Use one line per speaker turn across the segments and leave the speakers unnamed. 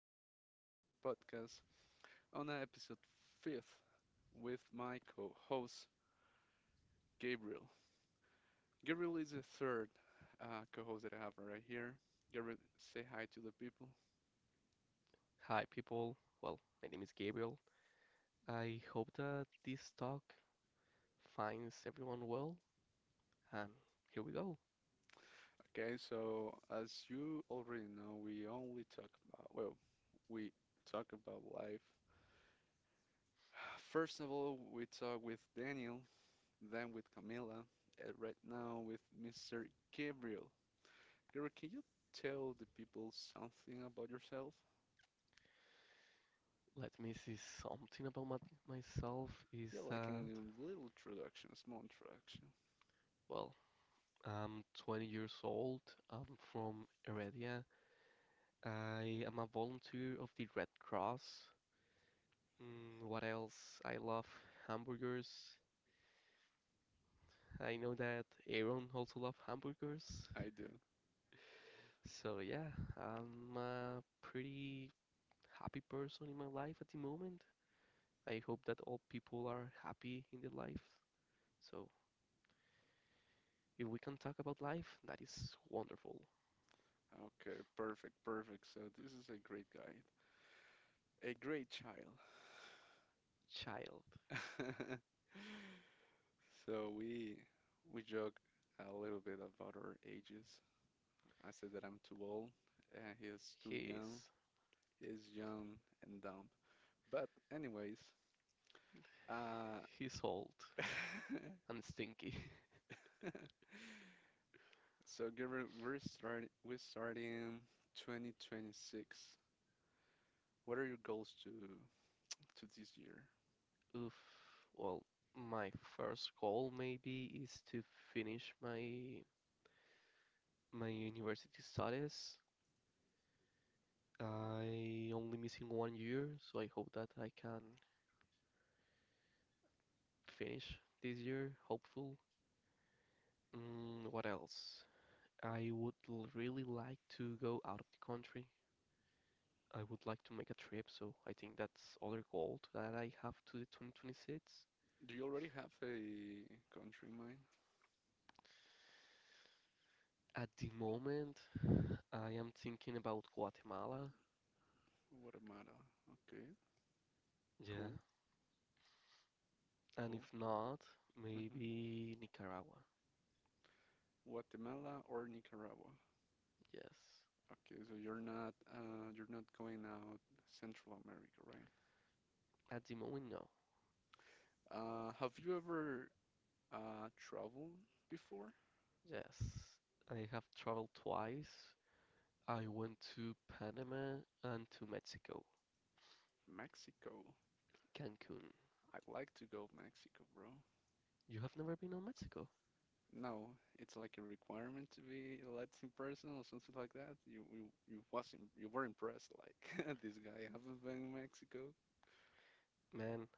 on Live Talk Podcast on episode fifth with my co-host Gabriel. Gabriel is the third co-host that I have right here. Gabriel, say hi to the people.
Hi, people. Well, my name is Gabriel. I hope that this talk finds everyone well. And here we go.
Okay, so as you already know, we only talk about, well, we talk about life. First of all, we talk with Daniel, then with Camila, and right now with Mr. Gabriel. Gary, can you tell the people something about yourself?
Let me see, something about myself is
Yeah, like a
that,
little introduction, a small introduction.
well, I'm 20 years old. I'm from Heredia. I am a volunteer of the Red Cross. What else? I love hamburgers. I know that Aaron also loves hamburgers.
I do.
So yeah, I'm a pretty happy person in my life at the moment. I hope that all people are happy in their life. So if we can talk about life, that is wonderful.
Okay, perfect, perfect. So this is a great guy, a great child.
Child.
So we joke a little bit about our ages. I said that I'm too old, and he is too young.
He's
He is young and dumb. But anyways, uh,
he's old and stinky.
so Gilbert, we're starting 2026. What are your goals to this year?
Oof. Well, my first goal maybe is to finish my university studies. I only missing 1 year, so I hope that I can finish this year, hopeful. What else? I would really like to go out of the country. I would like to make a trip, so I think that's other goal that I have to the 2026.
Do you already have a country in mind?
At the moment, I am thinking about Guatemala.
Guatemala. Okay.
Yeah.
Cool.
And if
Cool. Cool.
not, maybe Nicaragua.
Guatemala or Nicaragua.
Yes.
Okay, so you're not going out Central America, right?
At the moment, no.
Have you ever traveled before?
Yes. I have traveled twice. I went to Panama and to Mexico,
Mexico.
Cancun.
I'd like to go Mexico, bro.
You have never been on Mexico?
No, it's like a requirement to be a Latin person or something like that. You wasn't you were impressed like this guy haven't been in Mexico.
Man,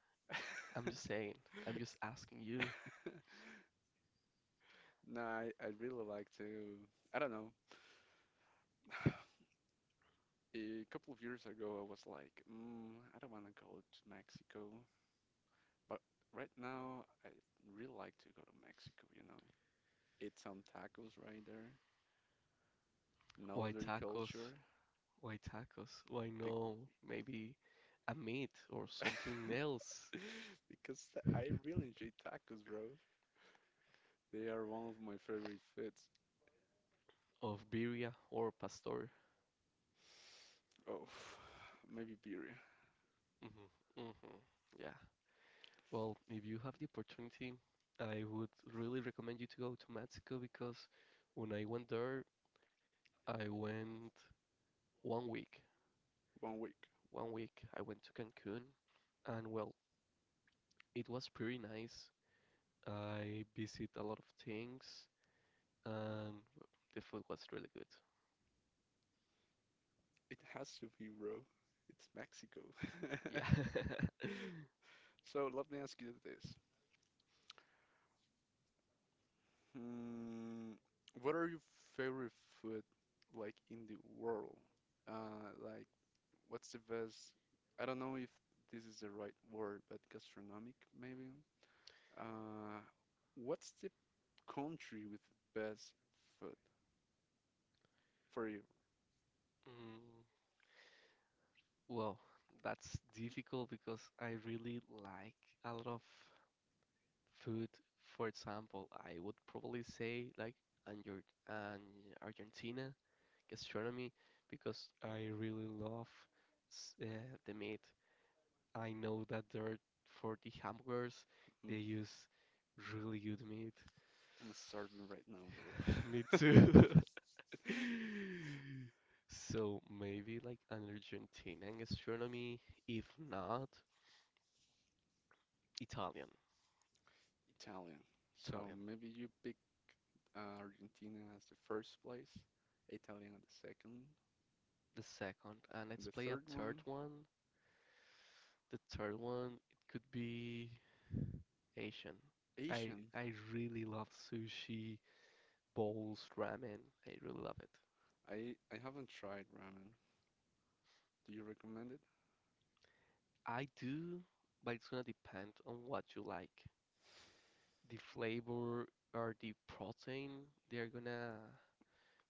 I'm just saying. I'm just asking you.
Nah, I'd really like to. I don't know. A couple of years ago, I was like, I don't want to go to Mexico, but right now, I really like to go to Mexico, eat some tacos right there, know
Why
their
tacos?
culture.
Why tacos? Why
Be
no? Maybe a meat or something else
Because I really enjoy tacos, bro. They are one of my favorite foods.
of birria or pastor.
Oh, maybe birria.
Mm-hmm, mm-hmm, yeah. Well, if you have the opportunity, I would really recommend you to go to Mexico because when I went there, I went 1 week.
One week.
1 week I went to Cancun, and well, it was pretty nice. I visit a lot of things, and well, the food was really good.
It has to be, bro. It's Mexico.
Yeah.
So let me ask you this. Hmm, what are your favorite food like in the world? Like what's the best? I don't know if this is the right word, but gastronomic maybe. Uh, what's the country with best food for you?
Mm, well, that's difficult because I really like a lot of food. For example, I would probably say like and your and Argentina gastronomy because I really love the meat. I know that they're for the hamburgers they
Mm,
use really good meat.
I'm starving right now,
Me
bro.
too. So maybe like an Argentinian gastronomy, if not Italian.
Italian. So
Italian,
maybe you picked Argentina as the first place, Italian at the second,
the second, and
and
let's
the
play a
third
third
one,
one. The third one, it could be Asian. I
Asian.
I really love sushi, bowls, ramen. I really love it.
I haven't tried ramen. Do you recommend it?
I do, but it's gonna depend on what you like. The flavor or the protein, they're gonna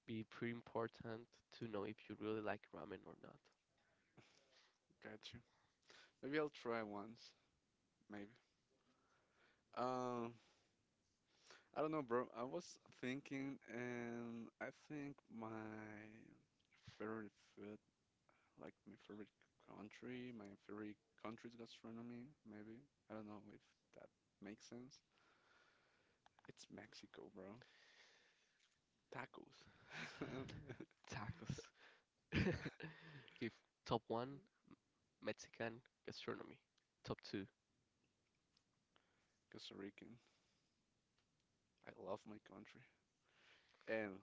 be pretty important to know if you really like ramen or not.
Gotcha. Maybe I'll try once. Maybe. Um, I don't know, bro. I was thinking, and I think my favorite food I like my favorite country, my favorite country's gastronomy, maybe. I don't know if that makes sense. It's Mexico, bro. Tacos.
Tacos. Okay, top one, Mexican gastronomy. Top two,
Costa Rican. I love my country. And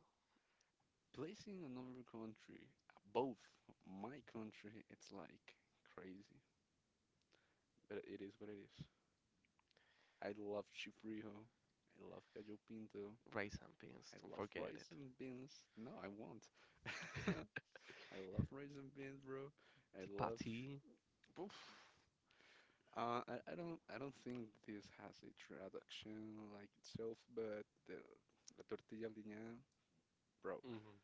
placing another country above my country, it's like crazy. But it is what it is. I love chifrijo. I love gallo pinto.
rice and beans.
I
Don't
love
forget
rice
it.
and beans. No, I won't. I love rice and beans, bro. I love.
Tipati,
But I don't think this has a traduction like itself, but the la tortilla aliñada, bro.
mm,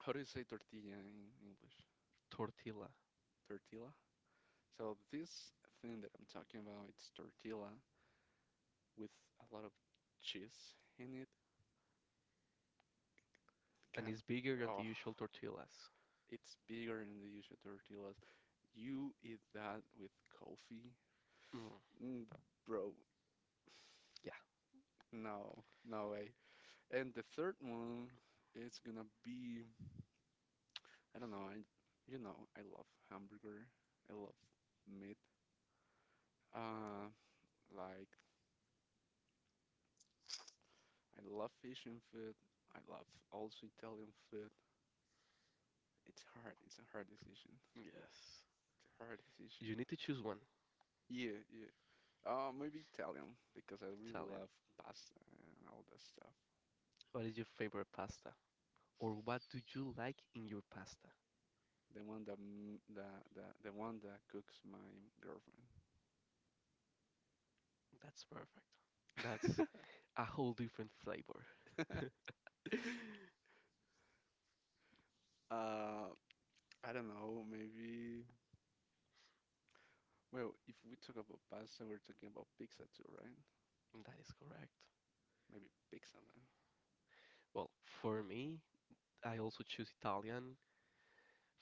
How do you say tortilla in English?
tortilla,
Tortilla? So this thing that I'm talking about, it's tortilla with a lot of cheese in it.
and
God,
it's bigger than the
oh,
usual tortillas.
it's bigger than the usual tortillas. You eat that with coffee?
Mm,
Mm, bro,
yeah.
no, no way. And the third one, it's gonna be. I don't know. I love hamburger. I love meat. Uh, like I love Asian food. I love also Italian food. It's hard. It's a hard decision.
Yes.
It's a hard decision.
You need to choose one,
Yeah, yeah. Maybe Italian because I really
Italian.
love pasta and all that stuff.
What is your favorite pasta? Or what do you like in your pasta?
The one that the one that cooks my girlfriend.
That's perfect. That's a whole different flavor.
Uh, I don't know. Maybe. Well, if we talk about pasta, we're talking about pizza too, right?
That is correct.
Maybe pizza then.
Well, for me, I also choose Italian.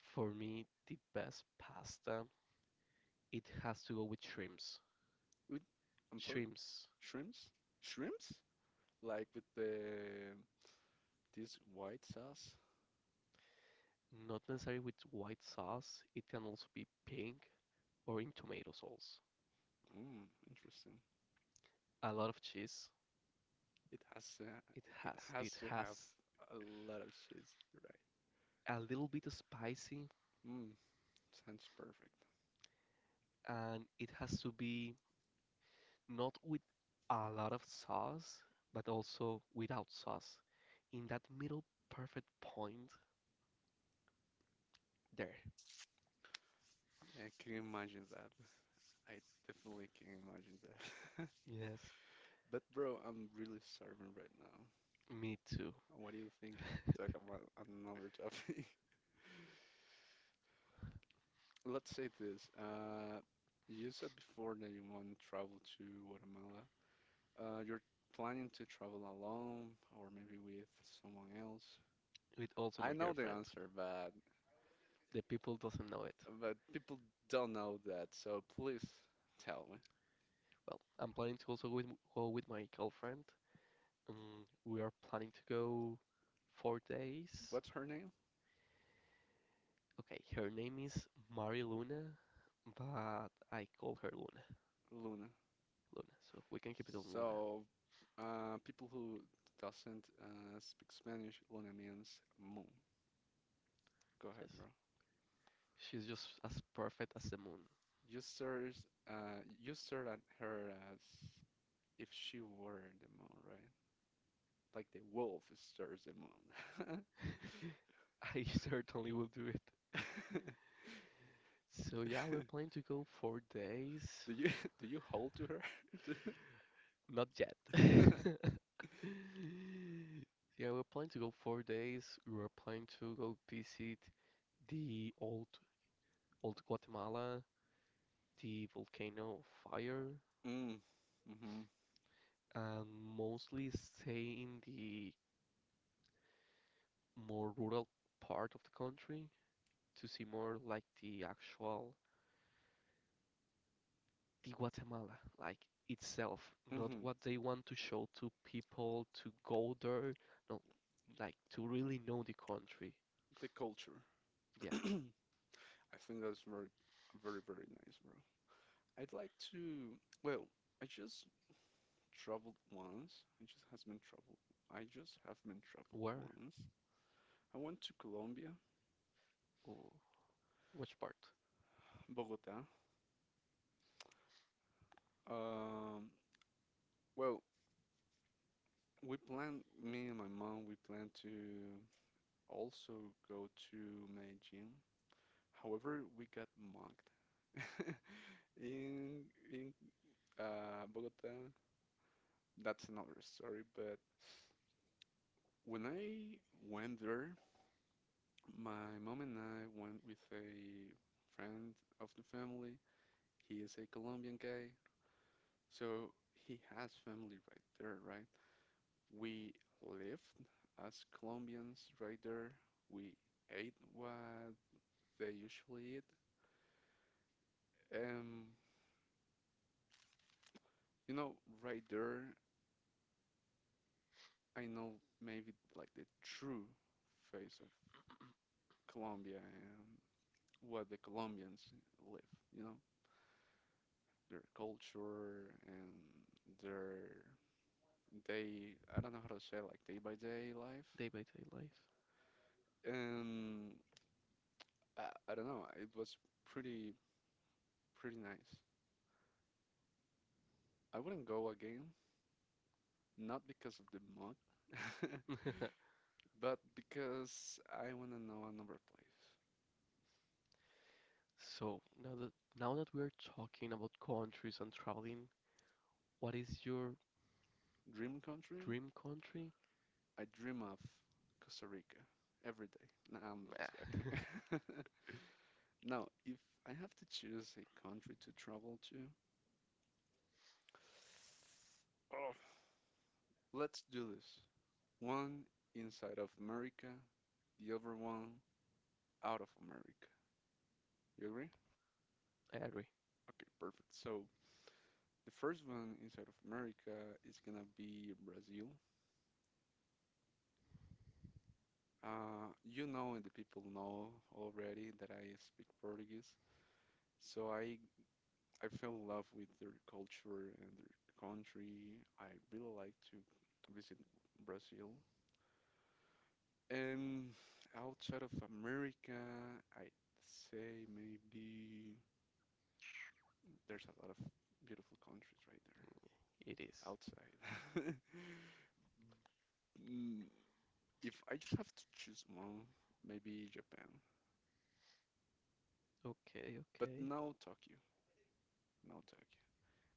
For me, the best pasta, it has to go with shrimps.
With, I'm sorry,
Shrimps,
shrimps? Shrimps? Like with the this white sauce?
not necessarily with white sauce, it can also be pink or in tomato sauce.
Mm, interesting.
A lot of cheese,
It has to, ha- it
it
has to
has
have a lot of cheese, you're right?
a little bit of spicy
Mm, sounds perfect.
and it has to be not with a lot of sauce, but also without sauce. In that middle perfect point there.
Yeah, I can imagine that. I definitely can imagine that.
Yes,
But bro, I'm really starving right now.
me too.
What do you think if we talk about another topic? Let's say this. You said before that you want to travel to Guatemala. You're planning to travel alone or maybe with someone else?
With also
I
my
know the
girlfriend.
answer, but
The people doesn't know it.
but people don't know that, so please tell me.
Well, I'm planning to also go with my girlfriend. We are planning to go 4 days.
What's her name?
Okay, her name is Mari Luna, but I call her Luna.
Luna.
Luna, so we can keep it on Luna.
So, people who doesn't speak Spanish, Luna means moon. Go ahead,
Yes,
bro.
she's just as perfect as the moon.
You stared, you stared at her as if she were the moon, right? Like the wolf stares the moon.
I certainly will do it. So yeah, we're planning to go 4 days.
Do you do you hold to her? Do-
Not yet. Yeah, we're planning to go 4 days. We're planning to go visit the Old Guatemala, the Volcano of Fire,
Mm, mhm,
and mostly stay in the more rural part of the country to see more like the actual the Guatemala, like itself, not
mhm.
what they want to show to people to go there, no, like to really know the country.
The culture.
Yeah.
I think that's very, very, very nice, bro. I'd like to. Well, I just traveled once. I just has been traveled. I just have been traveled
Where
once. I went to Colombia,
or which part?
Bogota. Um, well, we planned. Me and my mom, we planned to also go to Medellin. However, we got mugged. in in Bogota, that's another story. But when I went there, my mom and I went with a friend of the family. He is a Colombian guy, so he has family right there, right? We lived as Colombians right there. We ate what they usually eat. Um, you know, right there, I know maybe like the true face of Colombia and what the Colombians live, you know, their culture and their day, I don't know how to say, it, like day by day life.
Day by day life.
And I don't know, it was pretty pretty nice. I wouldn't go again, not because of the mug, but because I want to know another place.
So now that we're talking about countries and traveling, what is your
Dream country?
dream country?
I dream of Costa Rica every day. No, I'm
Nah,
just joking. Now, if I have to choose a country to travel to, oh, let's do this. One inside of America, the other one out of America. You agree?
I.
Okay, perfect. So the first one inside of America is gonna be Brazil. And the people know already that I speak Portuguese, so I fell in love with their culture and their country. I really like to visit Brazil. And outside of America, I'd say maybe there's a lot of beautiful countries right there
It is.
outside. Mm, If I just have to choose one, maybe Japan,
Okay,
but
okay.
now Tokyo, now Tokyo.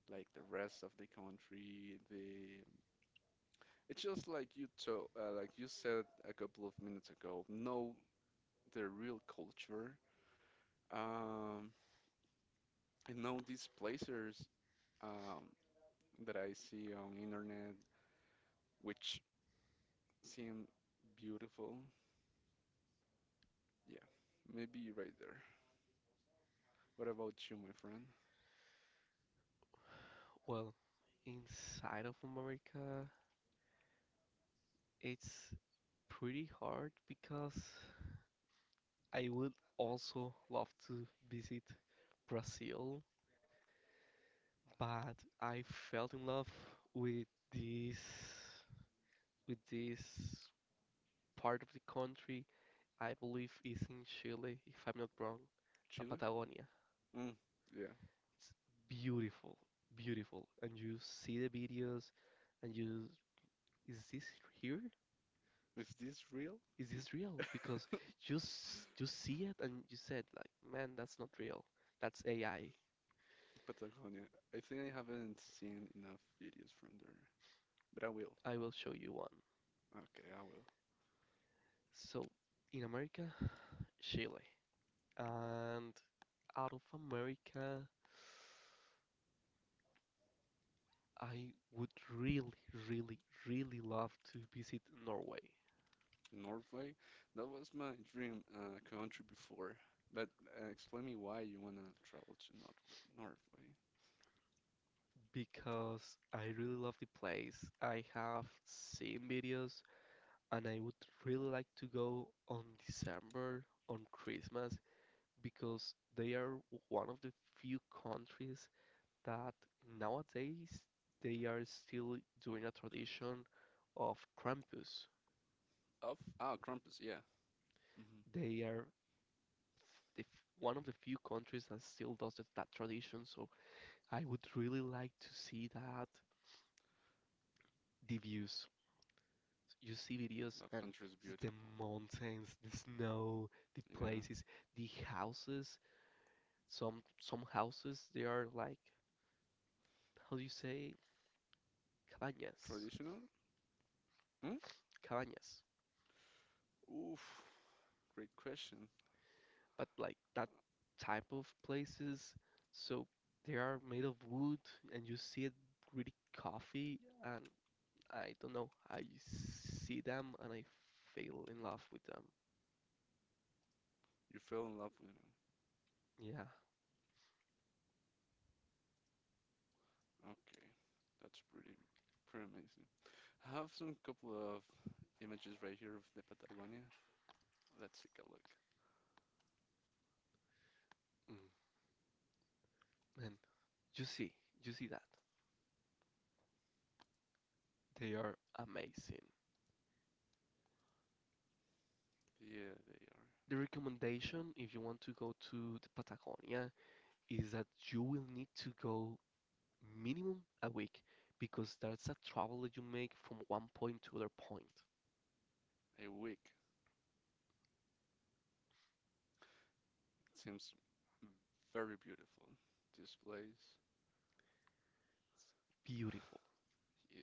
Like the rest of the country, the it's just like you to like you said a couple of minutes ago. Know the real culture, um, and know these places um, that I see on internet which seem beautiful. Yeah, maybe you're right there. What about you, my friend?
Well, inside of America, it's pretty hard because I would also love to visit Brazil, but I fell in love with this this part of the country. I believe is in Chile, if I'm not wrong, La
Chile?
Patagonia.
Mm, yeah.
It's beautiful, beautiful. And you see the videos and you, is this here?
Is this real?
Is this real? Because you see it and you said like, man, that's not real. That's AI.
Patagonia. I think I haven't seen enough videos from there, but I will.
I will show you one.
Okay, I will.
So in America, Chile. And out of America, I would really, really, really love to visit Norway
Norway? That was my dream country before. But explain me why you wanna travel to North Norway.
because I really love the place. I have seen videos and I would really like to go on December, on Christmas, because they are one of the few countries that nowadays they are still doing a tradition of Krampus.
Of Krampus, yeah. hmm
They are one of the few countries that still does that tradition, so I would really like to see that. The views. You see videos
That
and
country is
the
beautiful.
mountains, the snow, the
Yeah.
places, the houses. Some houses they are like, how do you say, cabañas,
Traditional? Hmm?
cabañas,
Oof, great question.
but like that type of places. So they are made of wood, and you see it really coffee, and I don't know. I see them and I fell in love with them.
You fell in love with him.
Yeah,
Okay, that's pretty, pretty amazing. I have some couple of images right here of the Patagonia. Let's take a look.
mm, and you see, you see that they are amazing.
Yeah, they are.
The recommendation, if you want to go to the Patagonia, is that you will need to go minimum a week because that's a travel that you make from 1 point to other point.
A wig. Seems very beautiful. This place.
Beautiful.
Yeah.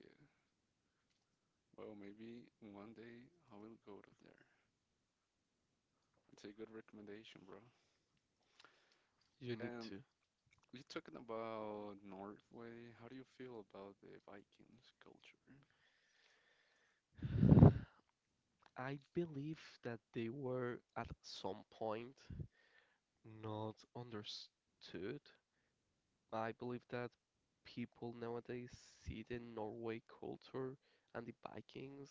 Well, maybe one day I will go to there. That's a good recommendation, bro.
You need
Um,
to.
you talking about Norway. How do you feel about the Vikings culture?
I believe that they were at some point not understood. I believe that people nowadays see the Norway culture and the Vikings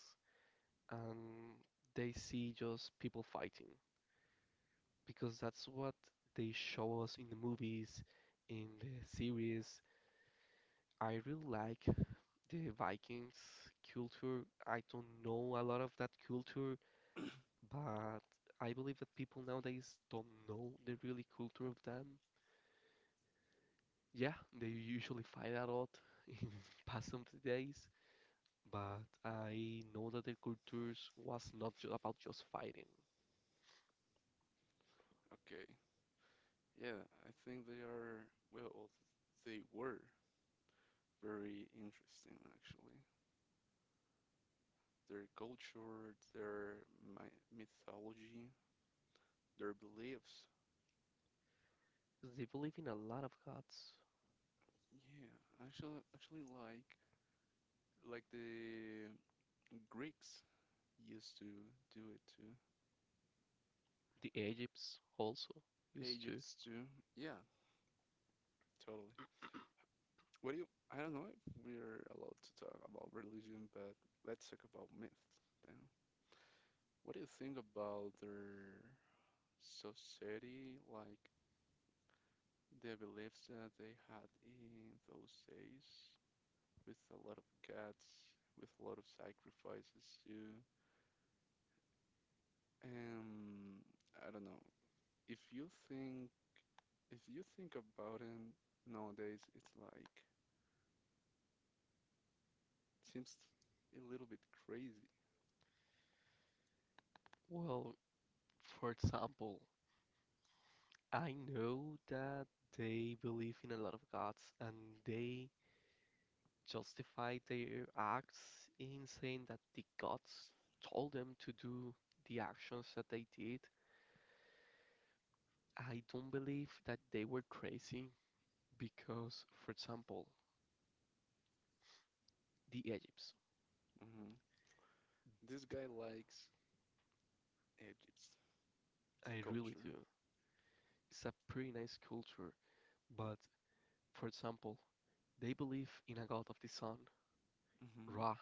and they see just people fighting because that's what they show us in the movies, in the series. I really like the Vikings culture. I don't know a lot of that culture, but I believe that people nowadays don't know the really culture of them. Yeah, they usually fight a lot in past of the days, but I know that their cultures was not ju about just fighting.
Okay. Yeah, I think they are, well, they were very interesting actually. Their culture, their my mythology, their beliefs.
They believe in a lot of gods.
Yeah, actually like the Greeks used to do it too.
The Egypts also used to.
Egypt's too. Yeah, totally. What do you, I don't know if we're allowed to talk about religion, but let's talk about myth then. What do you think about their society? Like the beliefs that they had in those days, with a lot of guts, with a lot of sacrifices too. And I don't know. If you think if you think about it nowadays, it's like seems a little bit crazy.
Well, for example, I know that they believe in a lot of gods and they justify their acts in saying that the gods told them to do the actions that they did. I don't believe that they were crazy because, for example, the Egypts,
hmm This guy likes Egypt, the
I really
culture.
do. It's a pretty nice culture, but for example, they believe in a god of the sun,
Hmm.
Ra.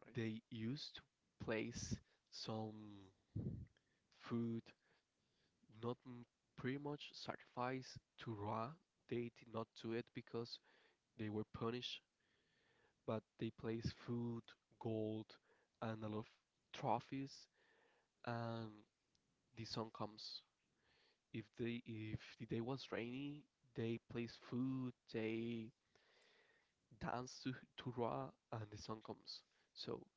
Right.
They used to place some food, not m- pretty much sacrifice to Ra. They did not do it because they were punished, but they place food, gold, and a lot of trophies. And the sun comes. If they if the day was rainy, they place food, they dance to Ra, and the sun comes. So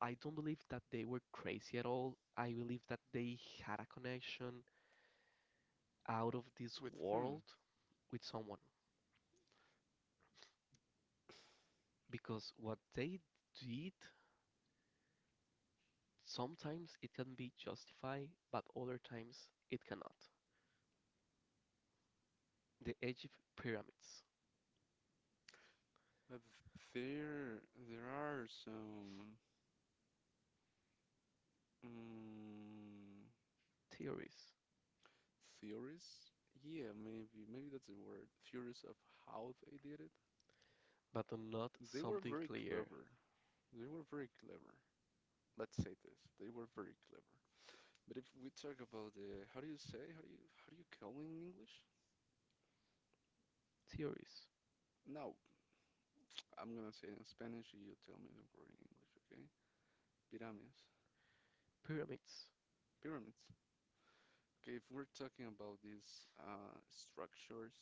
I don't believe that they were crazy at all. I believe that they had a connection out of this
With whom?
world with someone because what they did sometimes it can be justified, but other times it cannot. The Egypt pyramids,
But there there are some mm,
theories,
theories. Yeah, maybe that's the word. Theories of how they did it.
but not
They were
something
very
clear.
clever. They were very clever. Let's say this. They were very clever. But if we talk about the how do you say how do you call in English?
Theories,
No, I'm gonna say in Spanish. You tell me the word in English, okay? Pyramids.
pyramids.
Pyramids. Okay, if we're talking about these structures,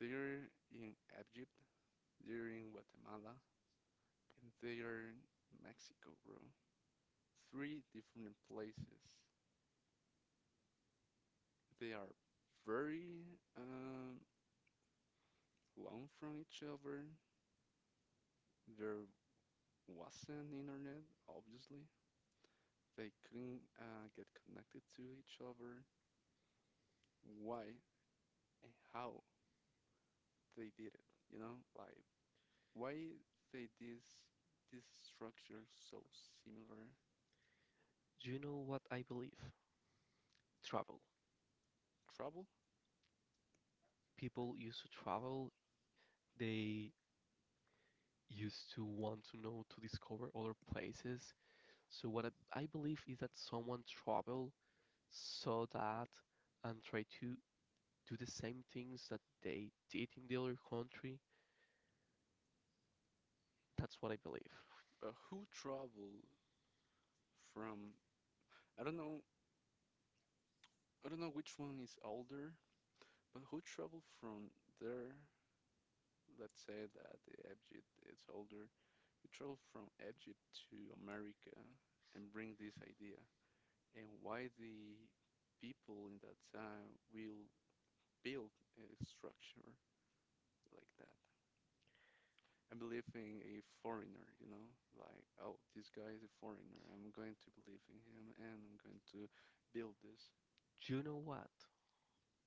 they're in Egypt, they're in Guatemala, and they are in Mexico, bro. Three different places. They are very long from each other. There wasn't internet, obviously. They couldn't get connected to each other. Why and how they did it, you know? Like, why they this structure so similar?
Do you know what I believe? Travel.
Trouble?
People used to travel, they used to want to know to discover other places. So, what I believe is that someone traveled, saw that, and tried to do the same things that they did in the other country. That's what I believe.
Who traveled from? I don't know. I don't know which one is older, but who traveled from there? Let's say that the Egypt is older, you travel from Egypt to America and bring this idea. And why the people in that time will build a structure like that? I'm believing a foreigner, like, oh, this guy is a foreigner. I'm going to believe in him and I'm going to build this.
Do you know what?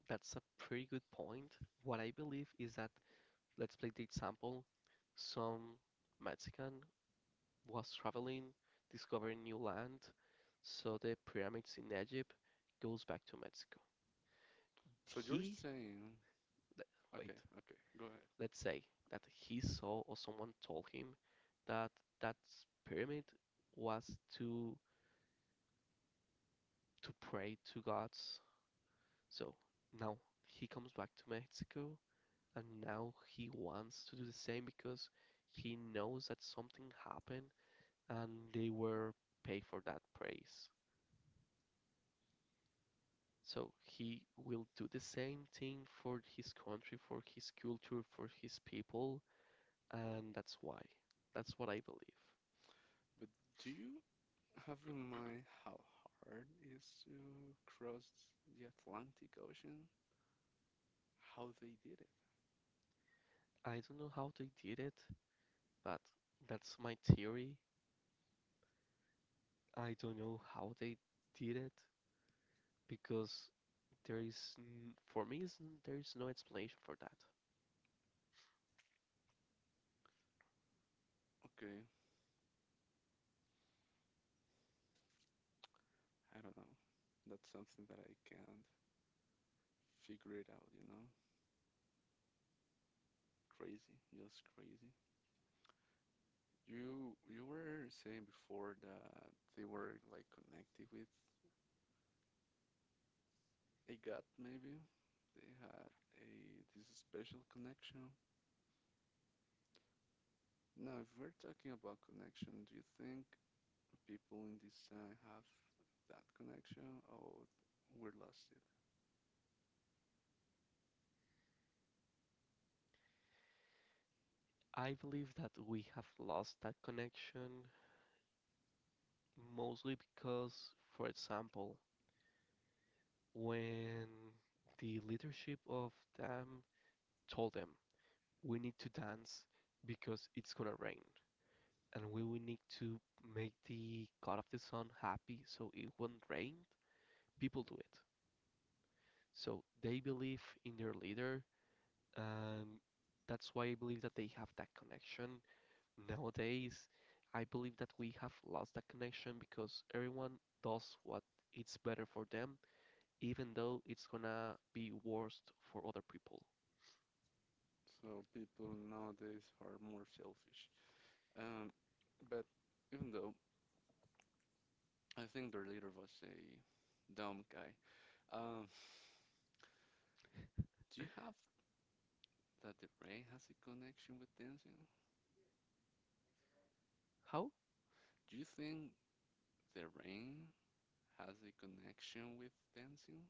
That's a pretty good point. What I believe is that let's play the example, some Mexican was traveling, discovering new land, saw the pyramids in Egypt, goes back to Mexico.
So you're
He,
saying,
wait,
okay, okay, go ahead.
let's say that he saw or someone told him that that pyramid was to pray to gods. So now he comes back to Mexico and now he wants to do the same because he knows that something happened and they were paid for that praise. So he will do the same thing for his country, for his culture, for his people, and that's why. That's what I believe.
But do you have in mind how hard it is to cross the Atlantic Ocean, how they did it?
I don't know how they did it, but that's my theory. I don't know how they did it because there is, for me, there is no explanation for that.
Okay, I don't know. That's something that I can't figure it out? Crazy, just crazy. You were saying before that they were like connected with a god, maybe? They had a, this special connection. Now, if we're talking about connection, do you think people in this time have that connection or we lost it?
I believe that we have lost that connection mostly because, for example, when the leadership of them told them we need to dance because it's gonna rain and we will need to make the god of the sun happy so it won't rain, people do it, so they believe in their leader, and that's why I believe that they have that connection. Nowadays I believe that we have lost that connection because everyone does what it's better for them even though it's gonna be worse for other people.
So people nowadays are more selfish. Um, but even though I think their leader was a dumb guy, um, do you have that the rain has a connection with dancing?
How?
Do you think the rain has a connection with dancing?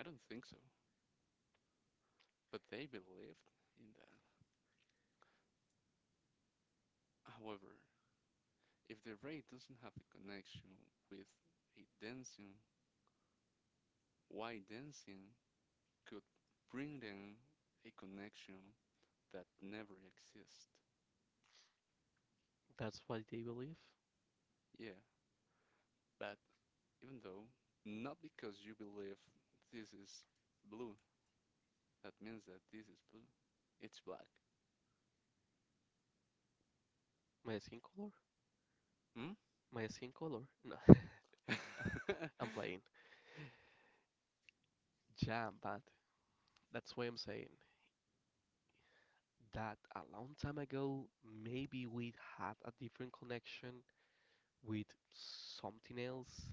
I don't think so, but they believed in that. However, if the rain doesn't have a connection with a dancing, why dancing could bring them a connection that never exists?
That's why they believe.
Yeah, but even though, not because you believe this is blue, that means that this is blue. It's black.
My skin color?
Hmm?
My skin color? No. I'm playing. Yeah, but that's why I'm saying that a long time ago, maybe we had a different connection with something else.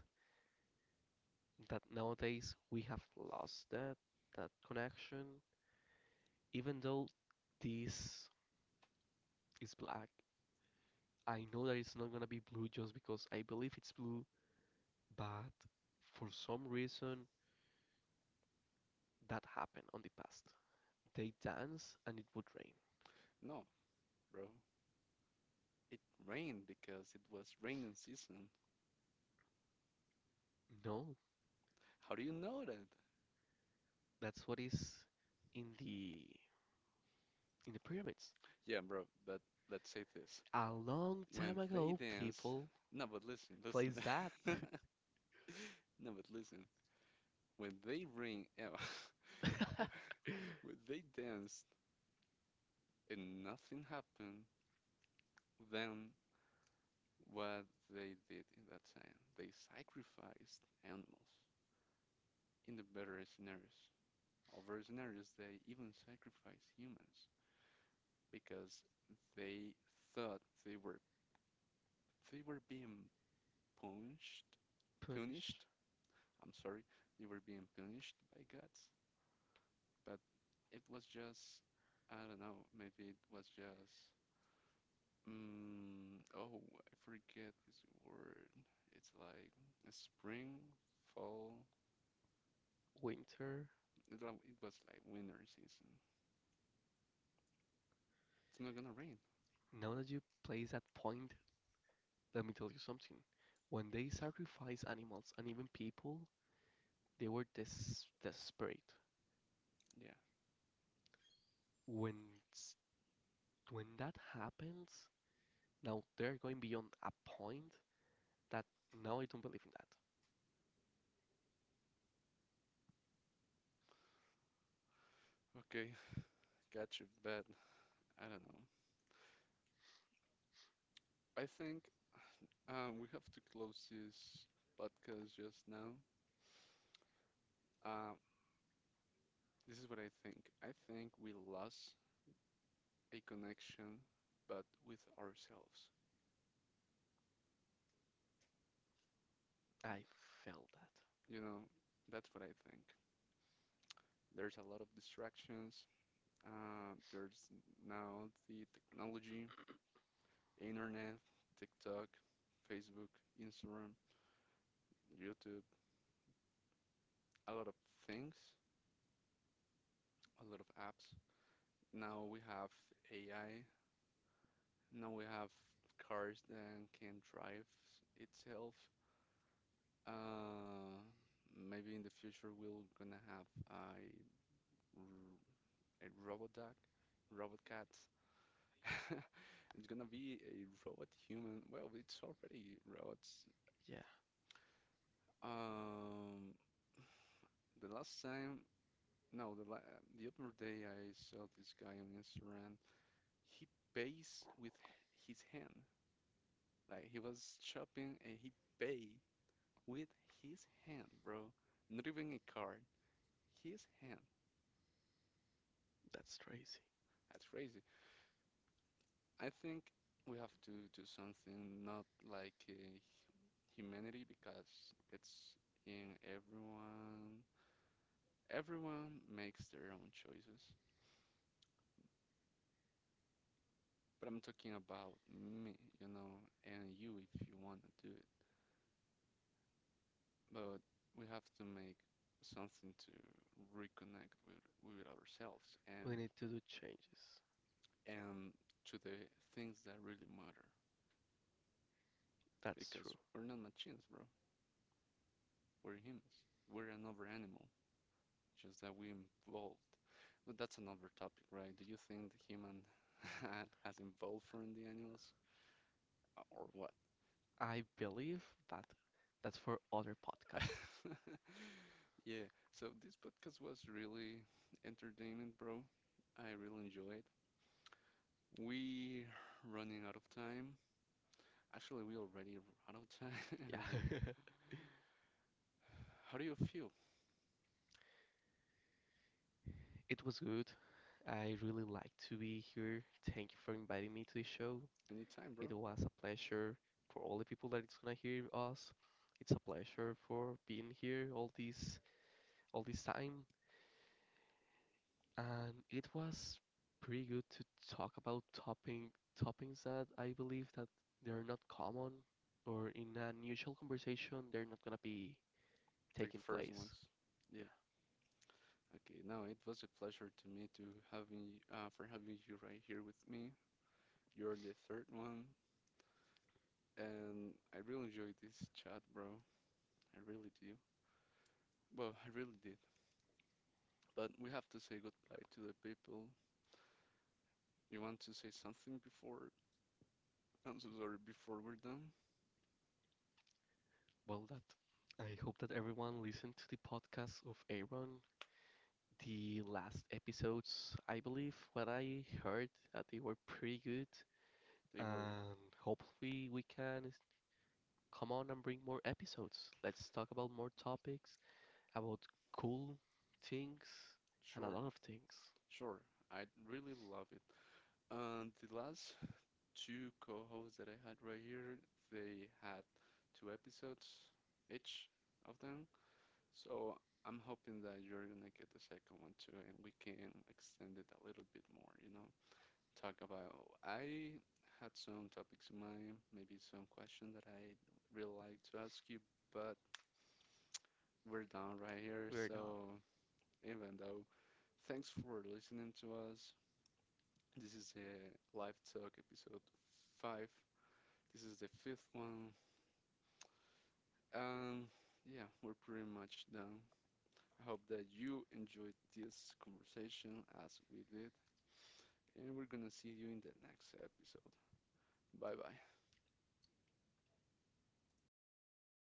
That nowadays we have lost that connection. Even though this is black, I know that it's not gonna be blue just because I believe it's blue, but for some reason that happened on the past. They dance and it would rain.
No, bro. It rained because it was raining season.
No,
How do you know that?
that's what is in the in the pyramids.
Yeah, bro, but let's say this.
A long time
When they
ago,
dance,
people
no, but listen, listen.
plays that.
No, but listen. When they ring, oh,
Punish
when they danced and nothing happened, then what they did in that time, they sacrificed animals in the better scenarios. Other scenarios, they even sacrificed humans because they thought they were, they were being punished, punished. I'm sorry, they were being punished by gods, but it was just, I don't know, maybe it was just, oh, I forget this word. It's like a spring, fall.
winter.
It was like winter season. It's not gonna rain.
Now that you place that point, let me tell you something. When they sacrifice animals and even people, they were desperate.
Yeah.
When s- when that happens, now they're going beyond a point that now I don't believe in that.
Okay, got you, but I don't know. I think we have to close this podcast just now. Uh, this is what I think. I think we lost a connection, but with ourselves.
I felt that.
You know, that's what I think. There's a lot of distractions. There's now the technology, internet, TikTok, Facebook, Instagram, YouTube, a lot of things, a lot of apps. Now we have AI. Now we have cars that can drive itself. Uh, Maybe in the future we're gonna have a, r- a robot dog, robot cat. It's gonna be a robot human. Well, it's already robots.
Yeah,
Um, The last time, no, the la the other day I saw this guy on Instagram. He pays with his hand. Like he was shopping and he paid with his hand, bro. Not even a card. His hand.
that's crazy.
That's crazy. I think we have to do something not like humanity because it's in everyone. Everyone makes their own choices. But I'm talking about me, and you if you want to do it. But we have to make something to reconnect with ourselves
We need to do changes.
and to the things that really matter.
That's true.
Because we're not machines, bro. We're humans. We're another animal, just that we evolved. But that's another topic, right? Do you think the human has evolved from the animals or what?
I believe that that's for other podcasts.
Yeah, so this podcast was really entertaining, bro. I really enjoyed. We running out of time. Actually, we already run out of
Yeah.
time. Ron. How do you feel?
It was good. I really like to be here. Thank you for inviting me to the show.
Any time, bro?
It was a pleasure for all the people that it's gonna hear us. It's a pleasure for being here all this time, and it was pretty good to talk about toppings that I believe that they're not common or in an usual conversation they're not gonna be
Like the
taking
first
place.
ones. Yeah.
Yeah.
Okay. Now it was a pleasure to me to having for having you right here with me. You're the third one, and I really enjoyed this chat, bro. I really do. Well, I really did. But we have to say goodbye to the people. You want to say something before? I'm so sorry. Before we're done,
Well, that I hope that everyone listened to the podcast of Aaron. The last episodes, I believe, what I heard that they were pretty good,
they were
and hopefully we can come on and bring more episodes. Let's talk about more topics about cool things and a
sure.
lot of things.
Sure, I really love it. And the last two co-hosts that I had right here, they had two episodes each of them. So I'm hoping that you're gonna get the second one too, and we can extend it a little bit more, you know? Talk about, I had some topics in mind, maybe some questions that I really like to ask you, but we're done right here.
Weird.
So even though, thanks for listening to us. This is the live talk episode five. This is the fifth one. And yeah, we're pretty much done. I hope that you enjoyed this conversation as we did. And we're gonna see you in the next episode. Bye bye.